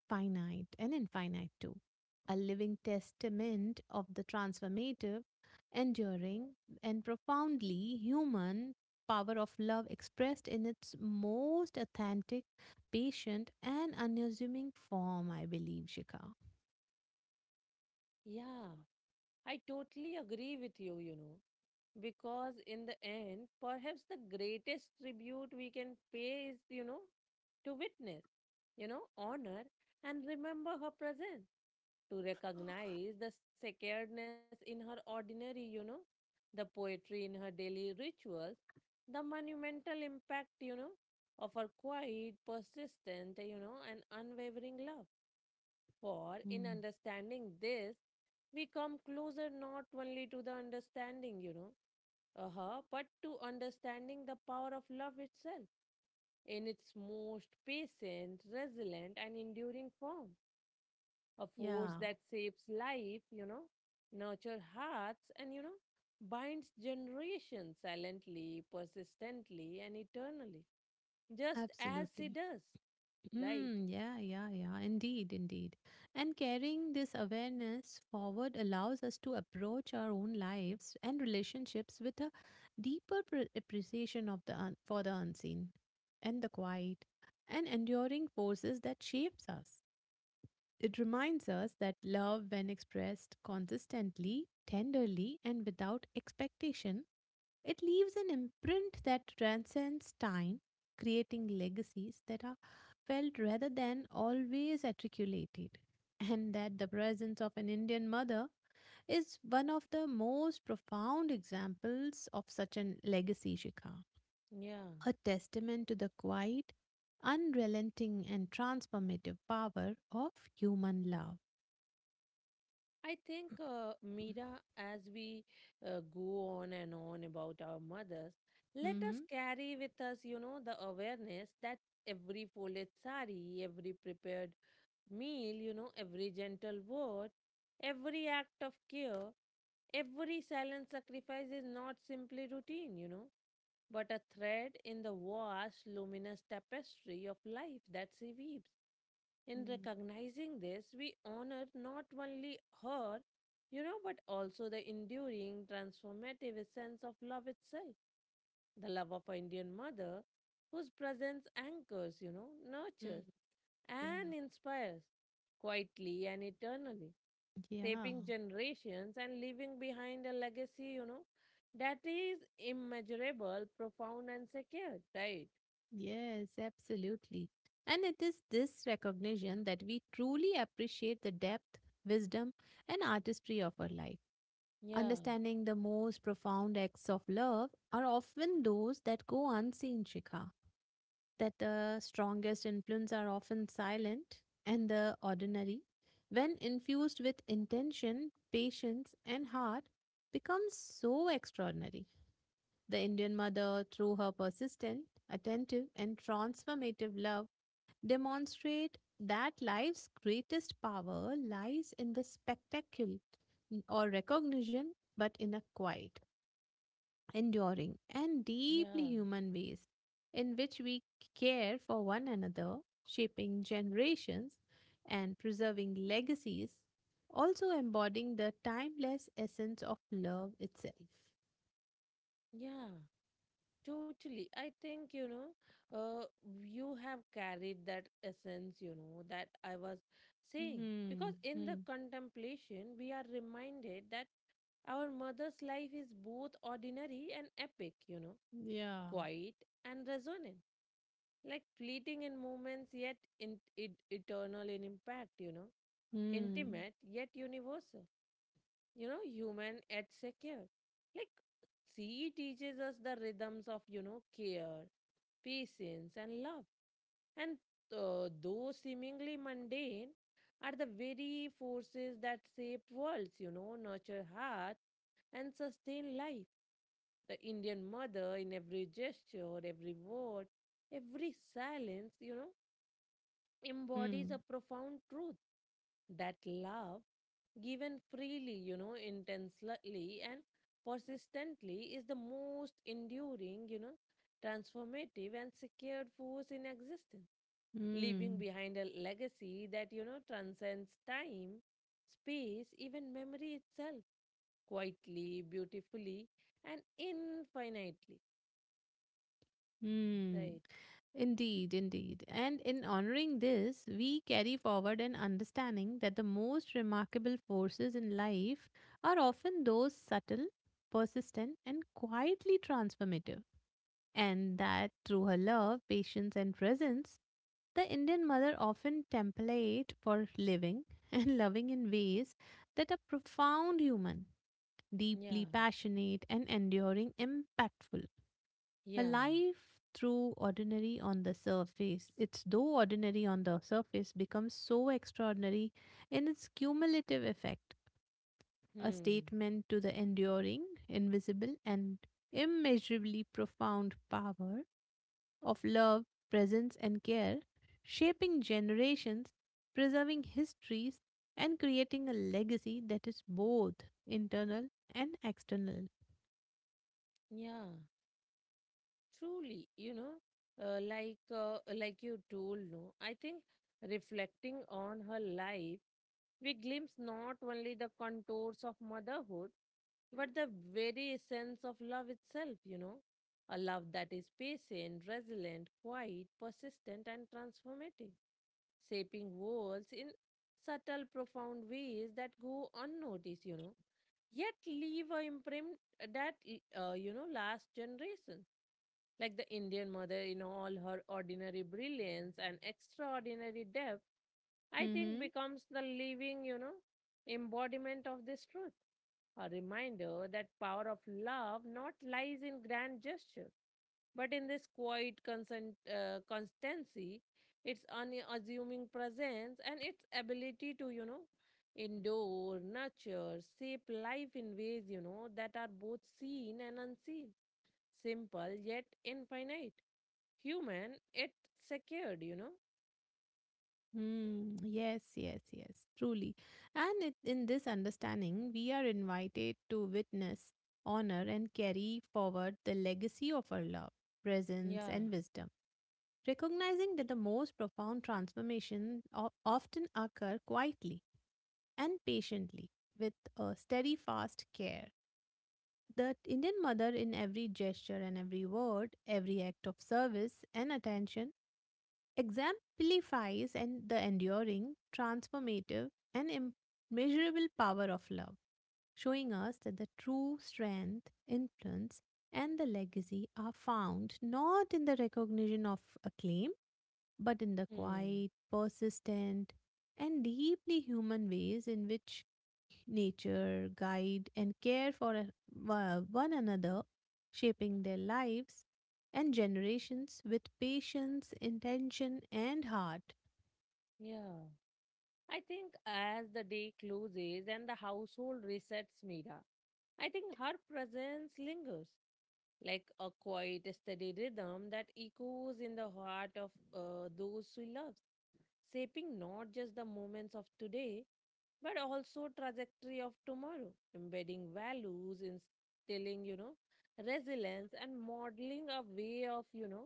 S2: finite and infinite too, a living testament of the transformative, enduring, and profoundly human power of love expressed in its most authentic, patient, and unassuming form, I believe, Shika.
S1: Yeah. I totally agree with you, you know, because in the end, perhaps the greatest tribute we can pay is, you know, to witness, you know, honor and remember her presence, to recognize the sacredness in her ordinary, you know, the poetry in her daily rituals, the monumental impact, you know, of her quiet, persistent, you know, and unwavering love. For in
S2: Hmm.
S1: understanding this, we come closer not only to the understanding, you know, uh-huh, but to understanding the power of love itself in its most patient, resilient, and enduring form, a force
S2: Yeah.
S1: that shapes life, you know, nurtures hearts, and, you know, binds generations silently, persistently, and eternally, just as she
S2: Absolutely.
S1: does, right?
S2: Mm, yeah, yeah, yeah, indeed, indeed. And carrying this awareness forward allows us to approach our own lives and relationships with a deeper appreciation of the for the unseen and the quiet and enduring forces that shapes us. It reminds us that love, when expressed consistently, tenderly, and without expectation, it leaves an imprint that transcends time, creating legacies that are felt rather than always articulated. And that the presence of an Indian mother is one of the most profound examples of such a legacy, Shikha.
S1: Yeah.
S2: A testament to the quiet, unrelenting, and transformative power of human love.
S1: I think, Mira, as we go on and on about our mothers, let us
S2: Mm-hmm.
S1: carry with us, you know, the awareness that every folded sari, every prepared meal, you know, every gentle word, every act of care, every silent sacrifice is not simply routine, you know, but a thread in the vast, luminous tapestry of life that she weaves. In
S2: Mm-hmm.
S1: recognizing this, we honor not only her, you know, but also the enduring, transformative essence of love itself, the love of an Indian mother whose presence anchors, you know, nurtures, and
S2: Yeah.
S1: inspires quietly and eternally,
S2: Yeah.
S1: shaping generations and leaving behind a legacy, you know, that is immeasurable, profound, and secure, right?
S2: Yes, absolutely. And it is this recognition that we truly appreciate the depth, wisdom, and artistry of our life.
S1: Yeah,
S2: Understanding the most profound acts of love are often those that go unseen, Shikha. That the strongest influence are often silent and the ordinary, when infused with intention, patience, and heart, becomes so extraordinary. The Indian mother, through her persistent, attentive, and transformative love, demonstrate that life's greatest power lies in the spectacle or recognition, but in a quiet, enduring, and deeply
S1: yeah,
S2: human ways in which we care for one another, shaping generations and preserving legacies, also embodying the timeless essence of love itself.
S1: yeah, totally. I think, you know, you have carried that essence, you know, that I was saying.
S2: Hmm.
S1: Because in the
S2: Hmm.
S1: contemplation, we are reminded that our mother's life is both ordinary and epic, you know,
S2: Yeah.
S1: quiet and resonant, like fleeting in moments yet in, it, eternal in impact, you know,
S2: Mm,
S1: intimate yet universal, you know, human yet secure. Like, she teaches us the rhythms of, you know, care, patience, and love. And though seemingly mundane, are the very forces that shape worlds, you know, nurture heart and sustain life. The Indian mother in every gesture, every word, every silence, you know, embodies a
S2: mm,
S1: profound truth that love, given freely, you know, intensely and persistently, is the most enduring, you know, transformative and secured force in existence, leaving
S2: mm,
S1: behind a legacy that, you know, transcends time, space, even memory itself, quietly, beautifully, and infinitely.
S2: mm.
S1: Right.
S2: Indeed, indeed. And in honoring this, we carry forward an understanding that the most remarkable forces in life are often those subtle, persistent, and quietly transformative. And that through her love, patience, and presence, the Indian mother often template for living and loving in ways that are profound human, deeply
S1: Yeah,
S2: passionate, and enduring impactful. A
S1: yeah,
S2: life through ordinary on the surface, it's though ordinary on the surface becomes so extraordinary in its cumulative effect, a
S1: hmm,
S2: statement to the enduring, invisible, and immeasurably profound power of love, presence, and care, shaping generations, preserving histories, and creating a legacy that is both internal and external.
S1: yeah, truly, you know, like you told, no, I think reflecting on her life, we glimpse not only the contours of motherhood, but the very essence of love itself, you know, a love that is patient, resilient, quiet, persistent, and transformative, shaping worlds in subtle, profound ways that go unnoticed, you know. Yet leave a imprint that last generation. Like the Indian mother, in all her ordinary brilliance and extraordinary depth, I think becomes the living embodiment of this truth. A reminder that power of love not lies in grand gesture, but in this quiet constancy, its unassuming presence and its ability to endure, nurture, shape life in ways that are both seen and unseen, simple yet infinite, human yet secured.
S2: Hmm. Yes, yes, yes, truly. And it, in this understanding, we are invited to witness, honor, and carry forward the legacy of our love, presence,
S1: Yeah.
S2: and wisdom, recognizing that the most profound transformation often occur quietly and patiently with a steadfast care. The Indian mother, in every gesture and every word, every act of service and attention, exemplifies and the enduring, transformative, and immeasurable power of love, showing us that the true strength, influence, and the legacy are found not in the recognition of acclaim, but in the
S1: Hmm.
S2: quiet, persistent, and deeply human ways in which nature, guide, and care for one another, shaping their lives and generations with patience, intention, and heart.
S1: Yeah. I think as the day closes and the household resets, Mira, I think her presence lingers like a quiet, steady rhythm that echoes in the heart of those she loves, shaping not just the moments of today, but also trajectory of tomorrow, embedding values, instilling resilience, and modeling a way of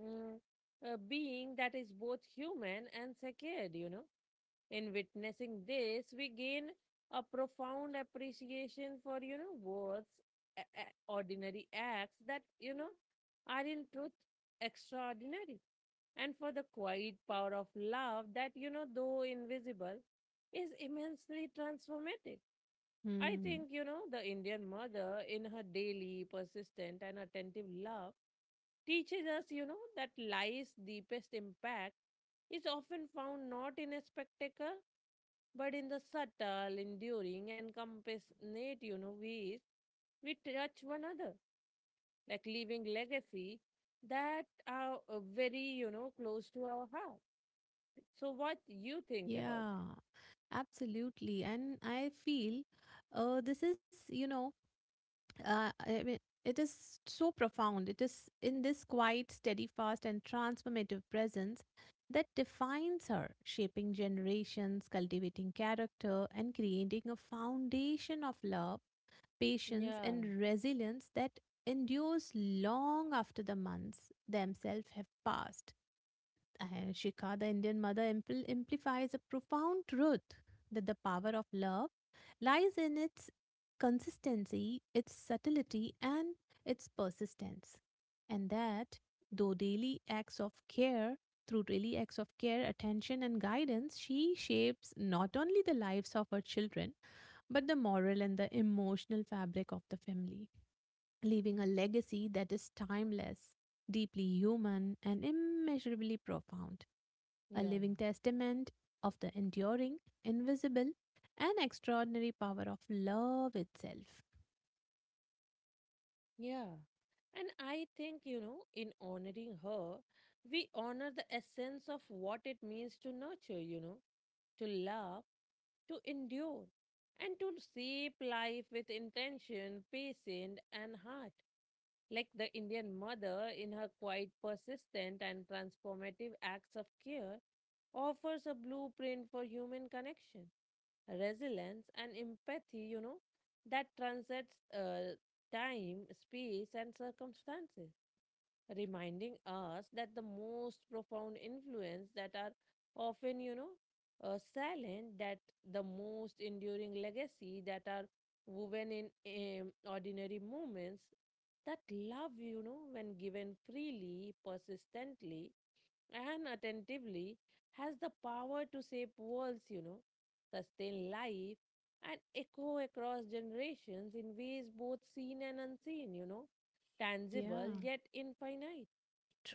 S1: mm, being that is both human and secured. In witnessing this, we gain a profound appreciation for, words, ordinary acts that, are in truth extraordinary, and for the quiet power of love that, though invisible, is immensely transformative. I
S2: Hmm.
S1: think, the Indian mother, in her daily, persistent, and attentive love, teaches us, that life's deepest impact is often found not in a spectacle, but in the subtle, enduring, and compassionate, ways we touch one another, like leaving legacy that are very, close to our heart. So, what you think about
S2: Yeah,
S1: that?
S2: absolutely. And I feel this is, you know, I mean, it is so profound. It is in this quiet, steadfast, and transformative presence that defines her, shaping generations, cultivating character, and creating a foundation of love, patience, and
S1: Yeah,
S2: resilience that endures long after the months themselves have passed. And Shikha, the Indian mother, amplifies a profound truth that the power of love lies in its consistency, its subtlety, and its persistence. And that, though daily acts of care, through daily acts of care, attention, and guidance, she shapes not only the lives of her children, but the moral and the emotional fabric of the family, leaving a legacy that is timeless, deeply human, and immeasurably profound a living
S1: yeah.
S2: testament of the enduring, invisible, and extraordinary power of love itself.
S1: Yeah. And I think, in honoring her, we honor the essence of what it means to nurture, to love, to endure, and to shape life with intention, patience, and heart. Like the Indian mother, in her quite persistent and transformative acts of care, offers a blueprint for human connection, resilience, and empathy that transcends uh, time, space, and circumstances, reminding us that the most profound influence that are often silent, that the most enduring legacy that are woven in ordinary moments, that love when given freely, persistently, and attentively has the power to shape worlds, sustain life, and echo across generations in ways both seen and unseen, tangible
S2: Yeah.
S1: yet infinite,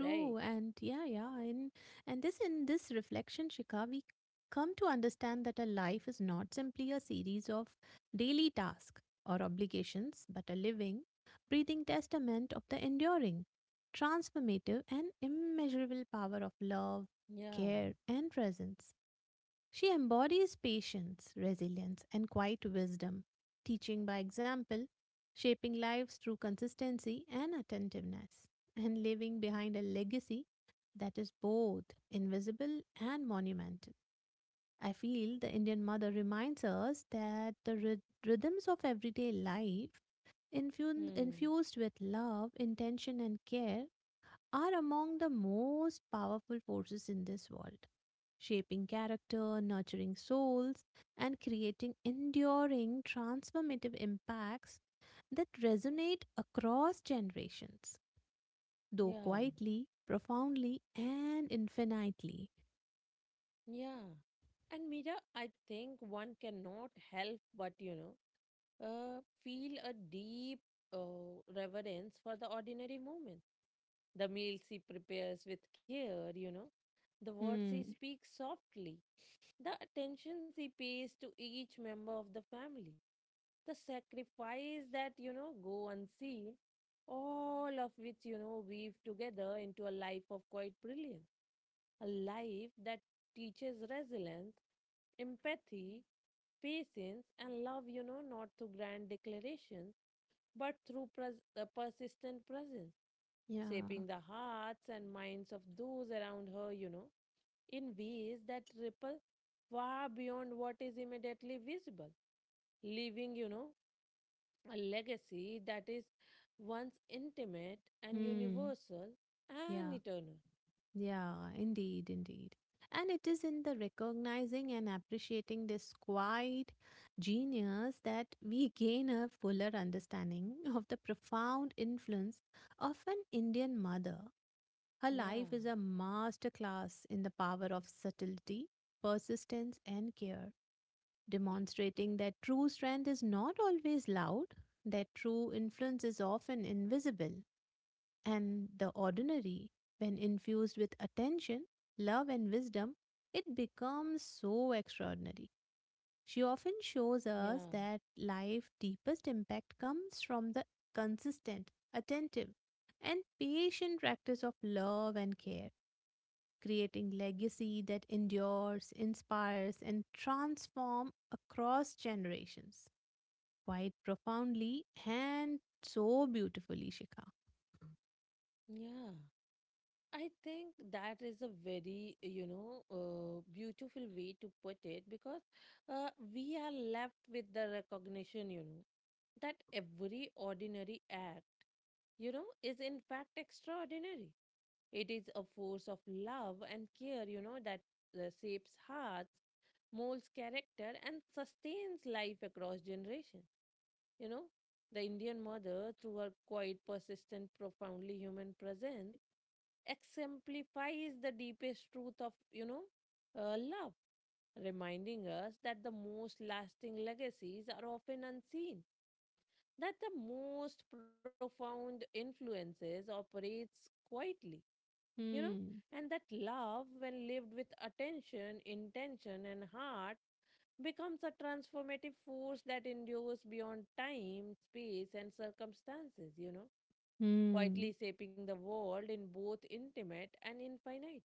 S1: right?
S2: and yeah, yeah, and this in this reflection, Shika, we come to understand that a life is not simply a series of daily tasks or obligations, but a living, breathing testament of the enduring, transformative, and immeasurable power of love,
S1: Yeah.
S2: care, and presence. She embodies patience, resilience, and quiet wisdom, teaching by example, shaping lives through consistency and attentiveness, and leaving behind a legacy that is both invisible and monumental. I feel the Indian mother reminds us that the rhythms of everyday life,
S1: Hmm.
S2: infused with love, intention, and care, are among the most powerful forces in this world, shaping character, nurturing souls, and creating enduring transformative impacts that resonate across generations, though
S1: Yeah.
S2: quietly, profoundly, and infinitely.
S1: Yeah. And Mira, I think one cannot help but, feel a deep reverence for the ordinary moment, the meals she prepares with care, the words he
S2: Hmm.
S1: speaks softly, the attentions he pays to each member of the family, the sacrifice that, go unseen, all of which, weave together into a life of quite brilliance, a life that teaches resilience, empathy, patience, and love, not through grand declarations, but through persistent presence,
S2: Yeah.
S1: shaping the hearts and minds of those around her, in ways that ripple far beyond what is immediately visible, leaving, a legacy that is once intimate and
S2: Hmm.
S1: universal and
S2: Yeah.
S1: eternal.
S2: Yeah, indeed, indeed. And it is in the recognizing and appreciating this quiet genius that we gain a fuller understanding of the profound influence of an Indian mother. Her
S1: Yeah,
S2: life is a masterclass in the power of subtlety, persistence, and care, demonstrating that true strength is not always loud, that true influence is often invisible. And the ordinary, when infused with attention, love, and wisdom, it becomes so extraordinary. She often
S1: yeah,
S2: shows us that life's deepest impact comes from the consistent, attentive, and patient practice of love and care, creating legacy that endures, inspires, and transforms across generations quite profoundly and so beautifully, Shikha.
S1: yeah. I think that is a very, beautiful way to put it because uh, we are left with the recognition, that every ordinary act, is in fact extraordinary. It is a force of love and care, that shapes hearts, molds character, and sustains life across generations. You know, the Indian mother, through her quiet, persistent, profoundly human presence, exemplifies the deepest truth of, love, reminding us that the most lasting legacies are often unseen, that the most profound influences operates quietly, you know
S2: Hmm.
S1: and that love when lived with attention, intention, and heart becomes a transformative force that endures beyond time, space, and circumstances,
S2: Hmm.
S1: quietly shaping the world in both intimate and infinite.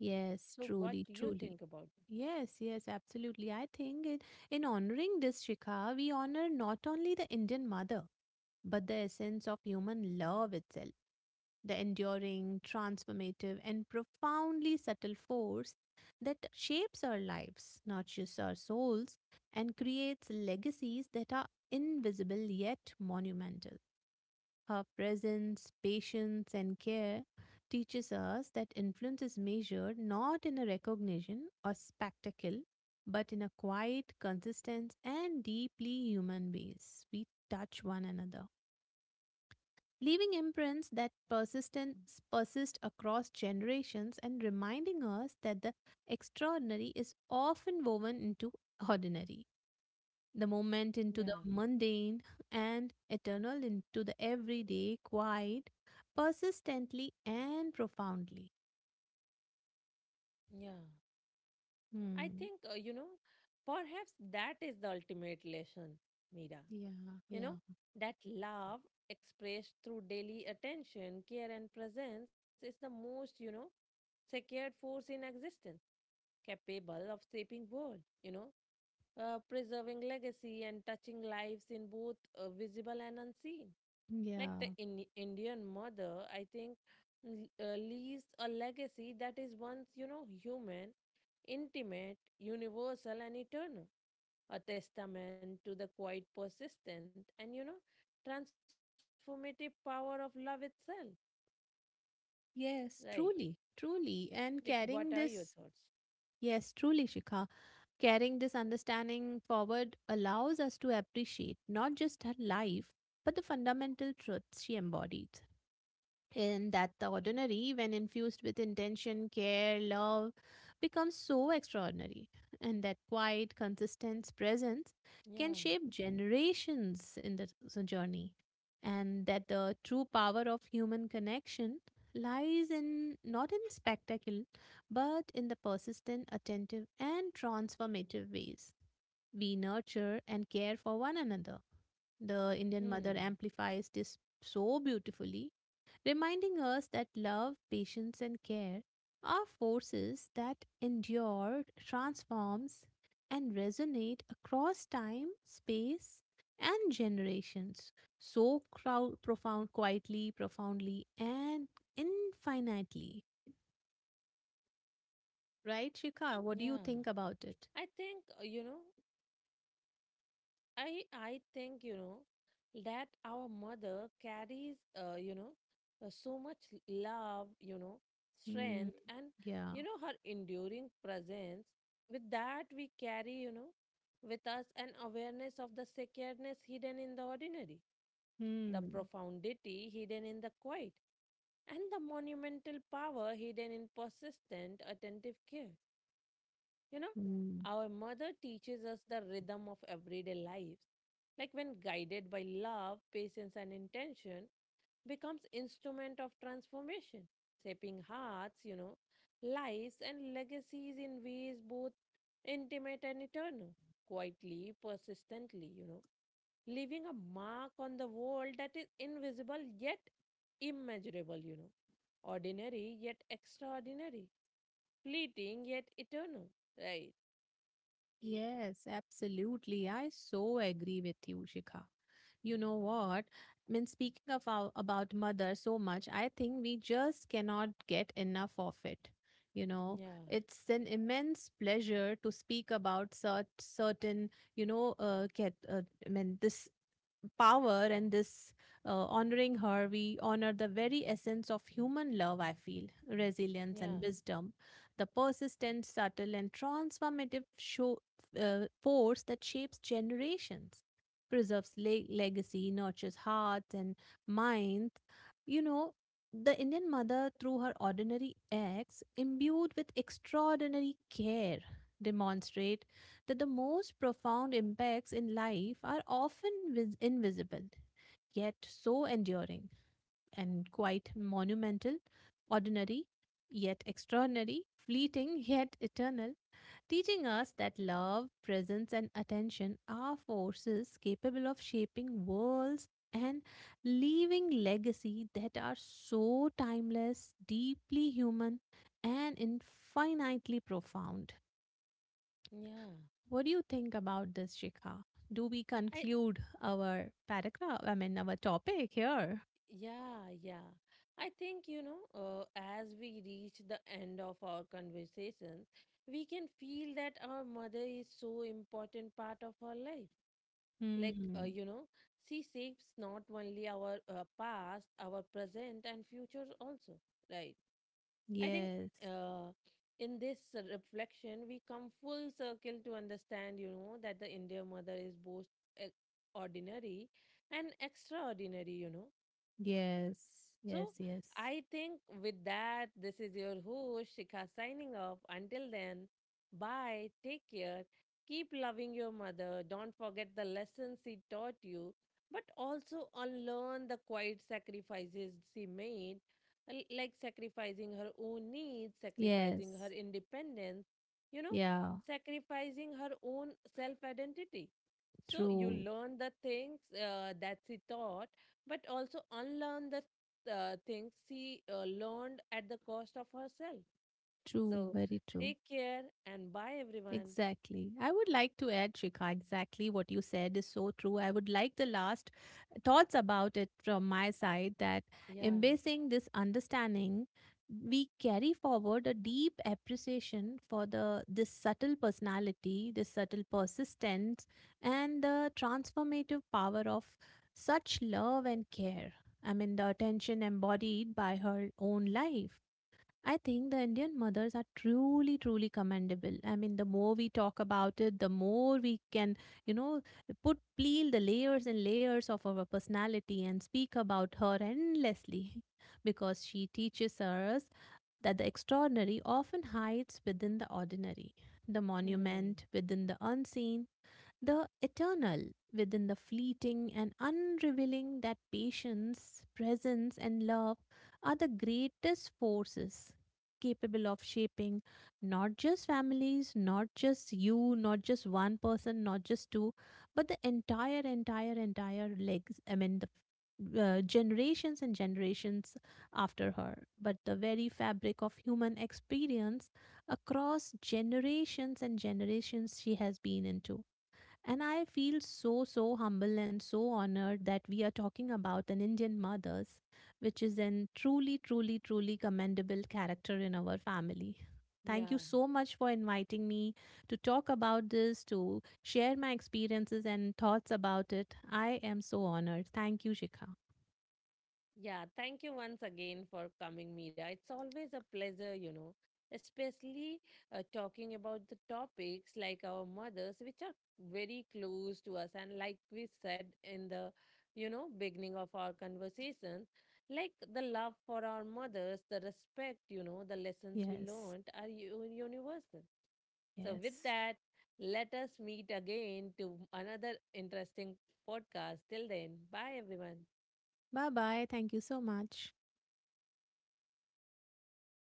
S2: Yes,
S1: So what
S2: truly,
S1: do you think
S2: truly.
S1: about
S2: Yes, yes, absolutely. I think in honoring this Shikha, we honor not only the Indian mother, but the essence of human love itself, the enduring, transformative, and profoundly subtle force that shapes our lives, nurtures our souls, and creates legacies that are invisible yet monumental. Her presence, patience, and care teaches us that influence is measured not in a recognition or spectacle, but in a quiet, consistent, and deeply human ways. We touch one another, leaving imprints that persist across generations and reminding us that the extraordinary is often woven into ordinary the
S1: that?
S2: moment
S1: Yeah.
S2: into the mundane and eternal into the everyday, quiet, persistently and profoundly.
S1: Yeah. I
S2: Hmm.
S1: think perhaps that is the ultimate lesson, Mira.
S2: Yeah,
S1: You
S2: yeah,
S1: know that love expressed through daily attention, care, and presence is the most secured force in existence, capable of shaping world, you know, preserving legacy and touching lives in both visible and unseen. Like the
S2: yeah.
S1: Indian mother, I think leaves a legacy that is once, human, intimate, universal, and eternal, a testament to the quite persistent and transformative power of love itself,
S2: Yes,
S1: right?
S2: truly, truly. And
S1: Like,
S2: carrying
S1: what are
S2: this,
S1: your thoughts?
S2: yes, truly, Shikha, carrying this understanding forward allows us to appreciate not just her life, but the fundamental truths she embodied, and that the ordinary, when infused with intention, care, love, becomes so extraordinary, and that quiet, consistent presence can
S1: Yeah.
S2: shape generations in the journey, and that the true power of human connection lies in not in spectacle but in the persistent, attentive, and transformative ways we nurture and care for one another. The
S1: Hmm.
S2: Indian mother amplifies this so beautifully, reminding us that love, patience, and care are forces that endure, transforms, and resonate across time, space, and generations so crowd profound quietly profoundly and infinitely. Right, Shikha, what do you
S1: Yeah.
S2: think about it?
S1: I think, uh, you know, I think, that our mother carries, so much love,
S2: Hmm.
S1: strength, and
S2: Yeah.
S1: her enduring presence. With that, we carry, with us an awareness of the sacredness hidden in the ordinary, the
S2: Hmm.
S1: profundity hidden in the quiet, and the monumental power hidden in persistent, attentive care. You know,
S2: Hmm.
S1: our mother teaches us the rhythm of everyday lives. Like when guided by love, patience, and intention, becomes instrument of transformation, shaping hearts, lives and legacies in ways both intimate and eternal, quietly, persistently, leaving a mark on the world that is invisible yet immeasurable, ordinary yet extraordinary, fleeting yet eternal. Right.
S2: Yes, absolutely. I so agree with you, Shikha. You know what? I mean, speaking of our, about mother so much, I think we just cannot get enough of it. You know,
S1: Yeah.
S2: it's an immense pleasure to speak about certain, get, I mean, this power and this honoring her, we honor the very essence of human love, I feel resilience and
S1: Yeah,
S2: wisdom, the persistent, subtle, and transformative force that shapes generations, preserves legacy, nurtures hearts and minds. You know, the Indian mother, through her ordinary acts, imbued with extraordinary care, demonstrate that the most profound impacts in life are often invisible, yet so enduring and quite monumental, ordinary, yet extraordinary, fleeting, yet eternal, teaching us that love, presence, and attention are forces capable of shaping worlds and leaving legacy that are so timeless, deeply human, and infinitely profound.
S1: yeah.
S2: What do you think about this, Shikha? Do we
S1: I
S2: conclude our paragraph? I mean, our topic here.
S1: Yeah, yeah. I think as we reach the end of our conversation, we can feel that our mother is so important part of our life. Like
S2: Hmm.
S1: she shapes not only our past, our present, and future also, right? I think
S2: Yes.
S1: uh, in this reflection, we come full circle to understand, that the India mother is both e- ordinary and extraordinary.
S2: Yes.
S1: So
S2: Yes. Yes.
S1: I think with that, this is your host, Shikha, signing off. Until then, bye, take care, keep loving your mother, don't forget the lessons she taught you, but also unlearn the quiet sacrifices she made, like sacrificing her own needs, sacrificing
S2: Yes.
S1: her independence, you know,
S2: Yeah.
S1: sacrificing her own self identity. So you
S2: True.
S1: learn the things that she taught, but also unlearn the things she learned at the cost of herself.
S2: True.
S1: So
S2: Very true.
S1: take care and bye, everyone.
S2: Exactly. I would like to add, Shikha, exactly what you said is so true. I would like the last thoughts about it from my side that
S1: Yeah.
S2: embracing this understanding, we carry forward a deep appreciation for the this subtle personality, this subtle persistence, and the transformative power of such love and care. I mean, the attention embodied by her own life. I think the Indian mothers are truly, truly commendable. I mean, the more we talk about it, the more we can, you know, put peel the layers and layers of our personality and speak about her endlessly because she teaches us that the extraordinary often hides within the ordinary, the
S1: Hmm.
S2: monument within the unseen, the eternal within the fleeting and unrevealing that patience, presence, and love are the greatest forces capable of shaping not just families, not just you, not just one person, not just two, but the entire, entire, entire legs. I mean, the generations and generations after her, but the very fabric of human experience across generations and generations she has been into. And I feel so, so humble and so honored that we are talking about an Indian mother's, which is an truly, truly, truly commendable character in our family. Thank you
S1: Yeah.
S2: so much for inviting me to talk about this, to share my experiences and thoughts about it. I am so honored. Thank you, Shikha.
S1: Yeah, thank you once again for coming, Mira. It's always a pleasure, especially talking about the topics like our mothers, which are very close to us. And like we said in the, beginning of our conversation, like the love for our mothers, the respect, the lessons we
S2: Yes,
S1: learned are universal. So, with
S2: yes.
S1: that, let us meet again to another interesting podcast. Till then, bye, everyone.
S2: Bye bye. Thank you so much.